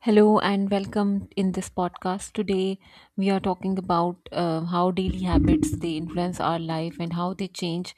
Hello and welcome in this podcast. Today we are talking about how daily habits they influence our life and how they change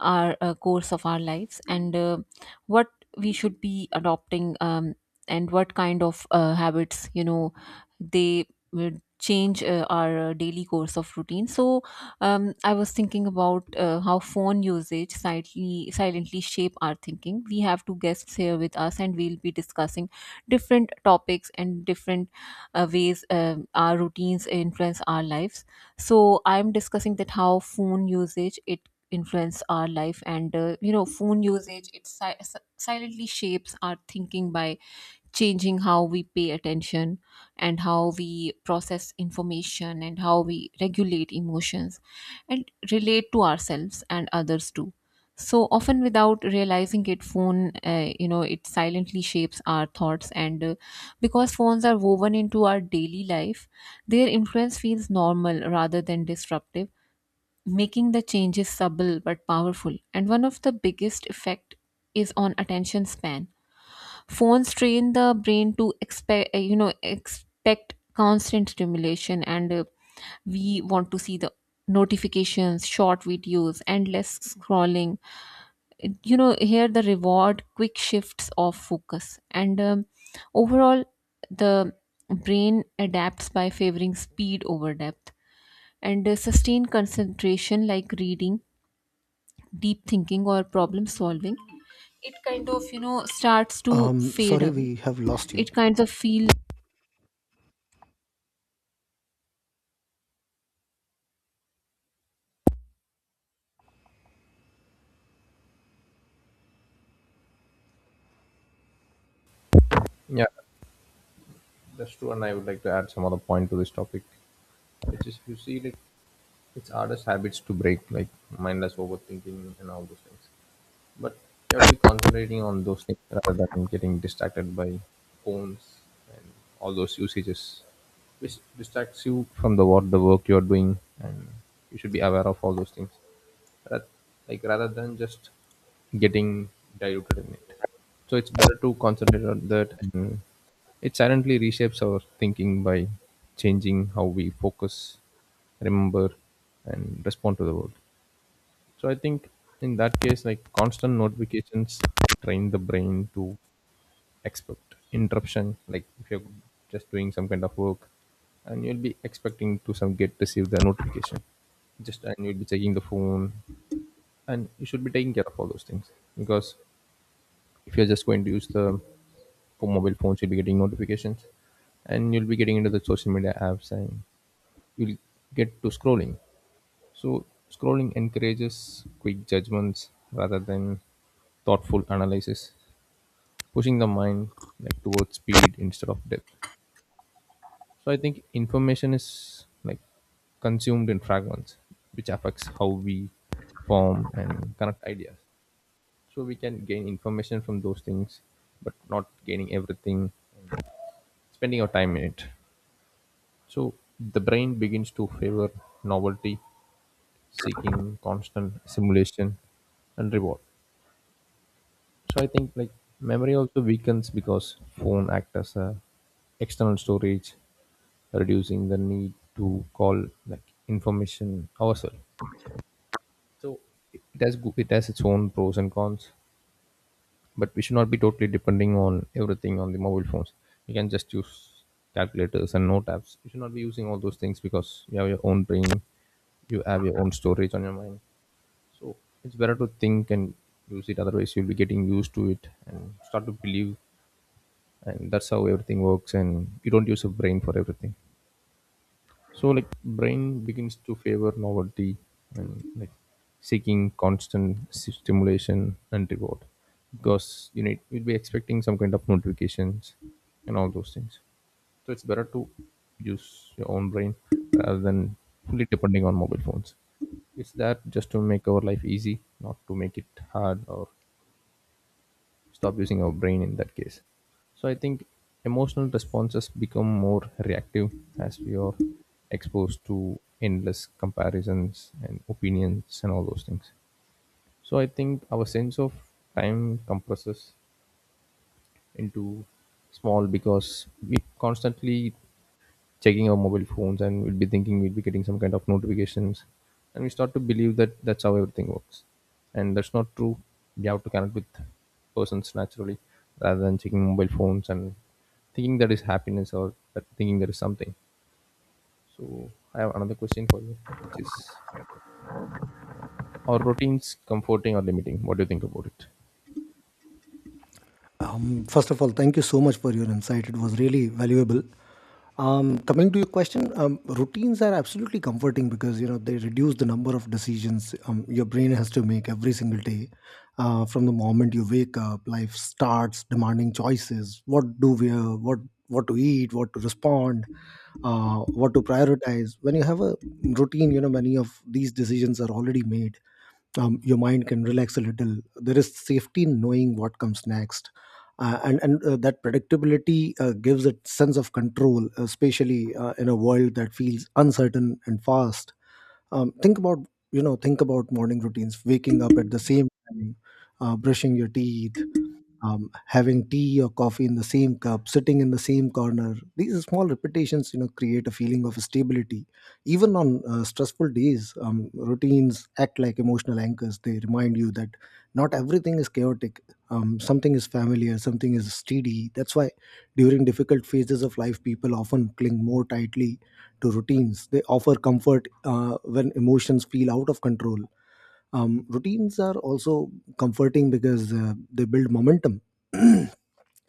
our course of our lives and what we should be adopting and what kind of habits they would change our daily course of routine. So I was thinking about how phone usage silently shape our thinking. We have two guests here with us and we'll be discussing different topics and different ways, our routines influence our lives. So I'm discussing that how phone usage it influence our life, and phone usage it silently shapes our thinking by changing how we pay attention and how we process information and how we regulate emotions and relate to ourselves and others too. So often without realizing it, phone, it silently shapes our thoughts. And Because phones are woven into our daily life, their influence feels normal rather than disruptive, making the changes subtle but powerful. And one of the biggest effect is on attention span. Phones train the brain to expect, expect constant stimulation, and we want to see the notifications, short videos, endless scrolling. You know, here the reward quick shifts of focus, and overall, the brain adapts by favoring speed over depth, and sustained concentration, like reading, deep thinking, or problem solving. It kind of, you know, starts to fade Sorry, away. we have lost you. It kind of feel. Yeah, that's true. And I would like to add some other point to this topic, which is if you see it it's hardest habits to break, like mindless overthinking and all those things. But you have to be concentrating on those things rather than getting distracted by phones and all those usages, which distracts you from the what the work you are doing, and you should be aware of all those things ra- like rather than just getting diluted in it. So it's better to concentrate on that, and it silently reshapes our thinking by changing how we focus, remember, and respond to the world. So I think in that case, like constant notifications train the brain to expect interruption. Like if you're just doing some kind of work, and you'll be expecting to some get receive the notification just and you'll be checking the phone and you should be taking care of all those things because if you're just going to use the for mobile phones you'll be getting notifications and you'll be getting into the social media apps and you'll get to scrolling. So scrolling encourages quick judgments rather than thoughtful analysis, pushing the mind like towards speed instead of depth. So I think information is like consumed in fragments which affects how we form and connect ideas. So we can gain information from those things but not gaining everything, spending our time in it. So the brain begins to favor novelty, seeking constant simulation and reward. So I think like memory also weakens because phone acts as a external storage, reducing the need to call like information ourselves. It has its own pros and cons, but we should not be totally depending on everything on the mobile phones. You can just use calculators and note apps. You should not be using all those things because you have your own brain, you have your own storage on your mind. So it's better to think and use it, otherwise you'll be getting used to it and start to believe and that's how everything works and you don't use a brain for everything. So like brain begins to favor novelty and like seeking constant stimulation and reward because you need you'll be expecting some kind of notifications and all those things. So it's better to use your own brain rather than fully depending on mobile phones. It's that just to make our life easy, not to make it hard or stop using our brain in that case. So I think emotional Yes. responses become more reactive as we are exposed to endless comparisons and opinions and all those things. So I think our sense of time compresses into small because we constantly checking our mobile phones and we'll be thinking we'll be getting some kind of notifications and we start to believe that that's how everything works and that's not true. We have to connect with persons naturally rather than checking mobile phones and thinking that is happiness or that thinking there is something. So I have another question for you, which is are routines comforting or limiting? What do you think about it? First of all, thank you so much for your insight. It was really valuable. Coming to your question, routines are absolutely comforting because you know they reduce the number of decisions, your brain has to make every single day. From the moment you wake up, life starts demanding choices: what to eat, what to respond, what to prioritize. When you have a routine, you know many of these decisions are already made, your mind can relax a little. There is safety in knowing what comes next, and that predictability gives a sense of control, especially in a world that feels uncertain and fast. Think about You know, think about morning routines, waking up at the same time, brushing your teeth, having tea or coffee in the same cup, sitting in the same corner. These small repetitions, you know, create a feeling of stability. Even on stressful days, routines act like emotional anchors. They remind you that not everything is chaotic. Something is familiar, something is steady. That's why during difficult phases of life, people often cling more tightly to routines. They offer comfort when emotions feel out of control. Routines are also comforting because they build momentum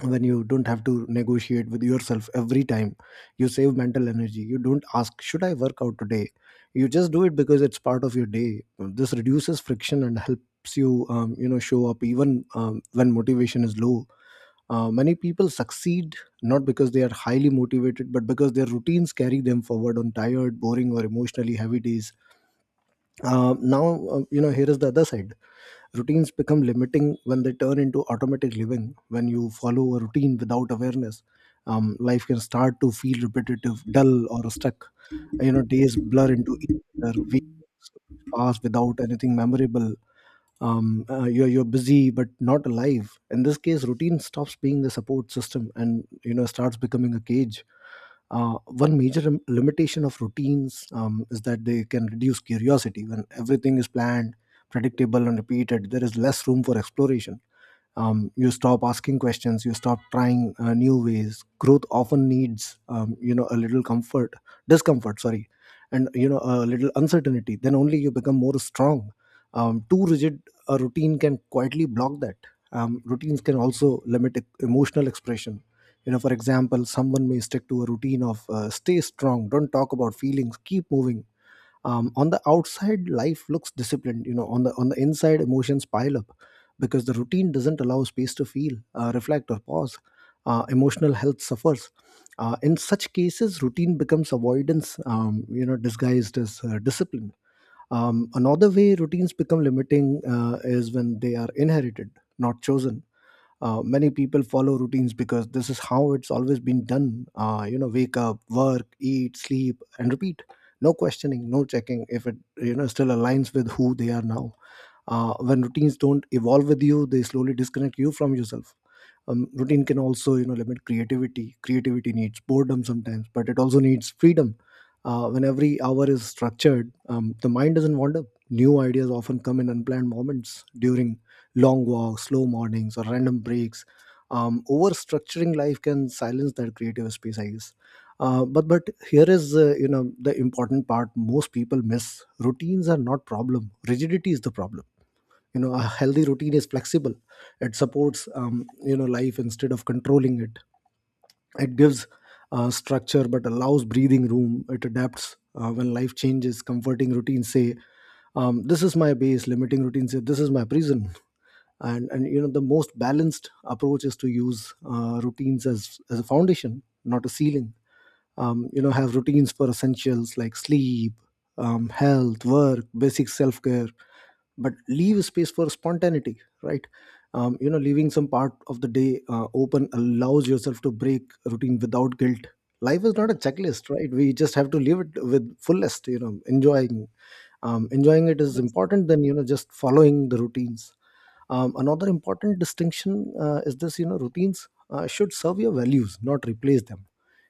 when you don't have to negotiate with yourself every time, you save mental energy. You don't ask, should I work out today? You just do it because it's part of your day. This reduces friction and helps you you know show up even when motivation is low. Many people succeed not because they are highly motivated, but because their routines carry them forward on tired, boring, or emotionally heavy days. Now, you know, here is the other side. Routines become limiting when they turn into automatic living. When you follow a routine without awareness, life can start to feel repetitive, dull, or stuck. You know, days blur into each other, weeks pass without anything memorable. You're busy but not alive. In this case, routine stops being a support system and you know starts becoming a cage. One major limitation of routines is that they can reduce curiosity. When everything is planned, predictable, and repeated, there is less room for exploration. You stop asking questions, you stop trying new ways. Growth often needs you know a little comfort discomfort, sorry, and you know a little uncertainty, then only you become more strong. Too rigid a routine can quietly block that. Routines can also limit emotional expression. You know, for example, someone may stick to a routine of stay strong, don't talk about feelings, keep moving. On the outside life looks disciplined, you know, on the inside emotions pile up because the routine doesn't allow space to feel, reflect or pause. Emotional health suffers. In such cases routine becomes avoidance, you know, disguised as discipline. Another way routines become limiting is when they are inherited, not chosen. Many people follow routines because this is how it's always been done. You know, wake up, work, eat, sleep, and repeat. No questioning, no checking if it you know still aligns with who they are now. When routines don't evolve with you, they slowly disconnect you from yourself. Routine can also you know limit creativity. Creativity needs boredom sometimes, but it also needs freedom. When every hour is structured, the mind doesn't wander. New ideas often come in unplanned moments during long walks, slow mornings, or random breaks. Over structuring life can silence that creative space, I guess. But here is, you know, the important part most people miss: routines are not problem, rigidity is the problem. You know, a healthy routine is flexible. It supports you know life instead of controlling it. It gives structure but allows breathing room. It adapts when life changes. Comforting routines say, this is my base. Limiting routines say, this is my prison. And you know the most balanced approach is to use routines as a foundation, not a ceiling. You know, have routines for essentials like sleep, health, work, basic self-care, but leave space for spontaneity, right? You know, leaving some part of the day open allows yourself to break routine without guilt. Life is not a checklist, right? We just have to live it with fullest, you know, enjoying. Enjoying it is Yes. important than you know just following the routines. Another important distinction is this, you know, routines should serve your values, not replace them.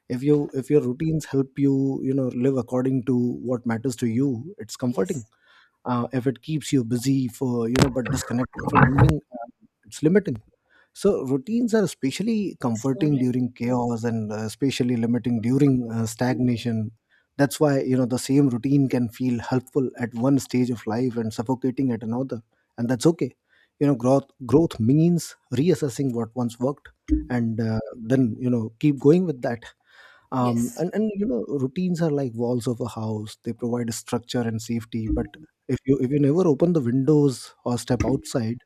If your routines help you, you know, live according to what matters to you, it's Yes. comforting. If it keeps you busy for you know but disconnected from meaning, it's limiting. So routines are especially Yes, you are comforting right. during chaos, and especially limiting during stagnation. That's why you know the same routine can feel helpful at one stage of life and suffocating at another, and that's okay. You know, growth means reassessing what once worked, and then you know keep going with that. um, Yes. and and you know routines are like walls of a house. They provide structure and safety, but if you never open the windows or step outside,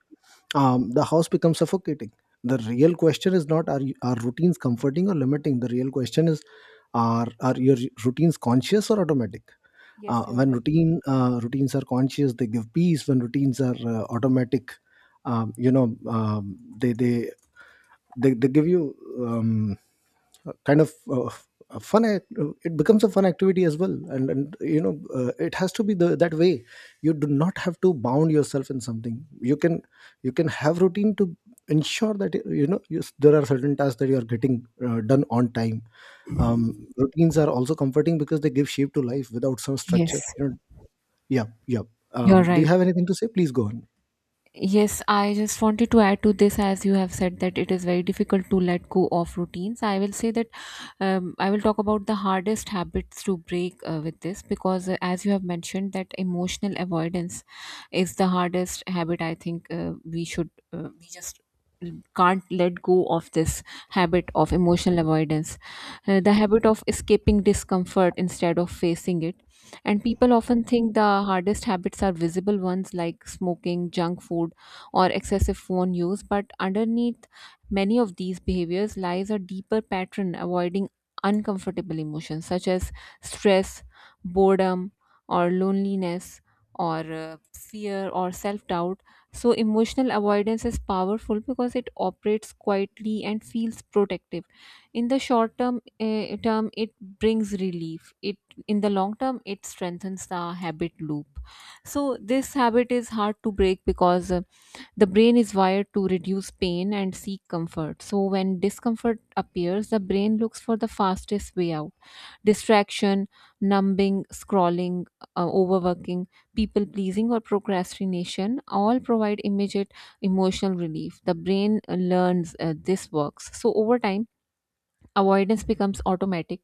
the house becomes suffocating. The real question is not, are routines comforting or limiting. The real question is, are your routines conscious or automatic? uh, Yes, you are when right. routine uh, routines are conscious they give peace. When routines are automatic, um, you know um, they, they they give you um, kind of a fun act. It becomes a fun activity as well, and you know it has to be that way. You do not have to bound yourself in something. You can, you can have routine to ensure that you know there are certain tasks that you are getting done on time. Routines are also comforting because they give shape to life without some Yes, structure, you know. Yeah. you are Do you right. have anything to say? Please go on. Yes, I just wanted to add to this as you have said that it is very difficult to let go of routines. I will say that I will talk about the hardest habits to break with this because, as you have mentioned, that emotional avoidance is the hardest habit. I think we just can't let go of this habit of emotional avoidance. The habit of escaping discomfort instead of facing it. And people often think the hardest habits are visible ones like smoking, junk food, or excessive phone use, but underneath many of these behaviors lies a deeper pattern avoiding uncomfortable emotions such as stress, boredom, or loneliness, or fear, or self doubt. So, emotional avoidance is powerful because it operates quietly and feels protective. In the short term it brings relief. It In the long term it strengthens the habit loop. So this habit is hard to break because the brain is wired to reduce pain and seek comfort. So when discomfort appears, the brain looks for the fastest way out: distraction, numbing, scrolling, overworking, people pleasing, or procrastination all provide immediate emotional relief. The brain learns this works. So over time avoidance becomes automatic,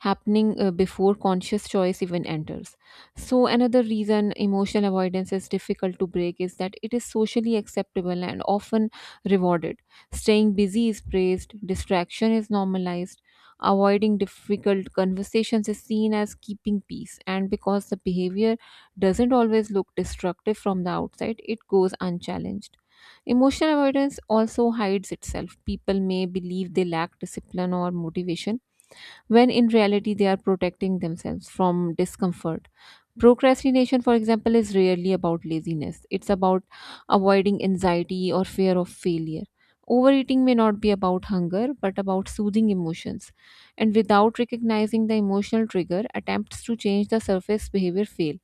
happening before conscious choice even enters. So another reason emotional avoidance is difficult to break is that it is socially acceptable and often rewarded. Staying busy is praised, distraction is normalized, avoiding difficult conversations is seen as keeping peace. And because the behavior doesn't always look destructive from the outside, it goes unchallenged. Emotional avoidance also hides itself. People may believe they lack discipline or motivation, when in reality, they are protecting themselves from discomfort. Procrastination, for example, is rarely about laziness, it's about avoiding anxiety or fear of failure. Overeating may not be about hunger, but about soothing emotions. And without recognizing the emotional trigger, attempts to change the surface behavior fail.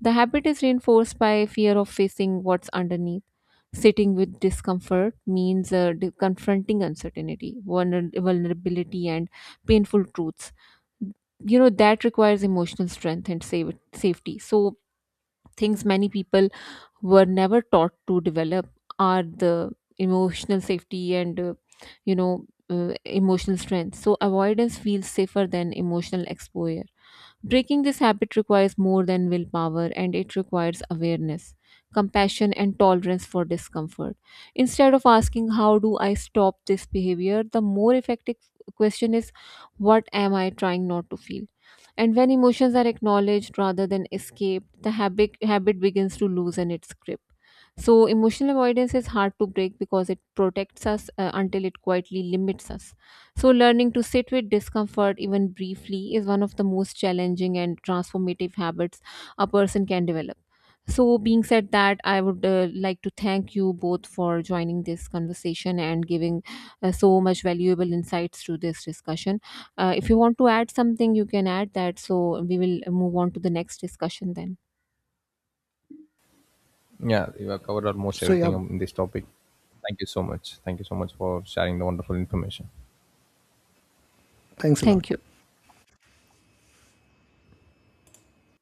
The habit is reinforced by fear of facing what's underneath. Sitting with discomfort means confronting uncertainty, vulnerability, and painful truths. You know, that requires emotional strength and safety. So, things many people were never taught to develop are the emotional safety and, emotional strength. So, avoidance feels safer than emotional exposure. Breaking this habit requires more than willpower, and it requires awareness, compassion, and tolerance for discomfort. Instead of asking, "How do I stop this behavior?" the more effective question is, "What am I trying not to feel?" And when emotions are acknowledged rather than escaped, the habit begins to loosen its grip. So, emotional avoidance is hard to break because it protects us until it quietly limits us. So, learning to sit with discomfort, even briefly, is one of the most challenging and transformative habits a person can develop. So, being said that, I would like to thank you both for joining this conversation and giving so much valuable insights to this discussion. If you want to add something, you can add that. So, we will move on to the next discussion then. Yeah, we have covered almost So yeah, everything in this topic. Thank you so much. Thank you so much for sharing the wonderful information. thanks a Thank you. lot.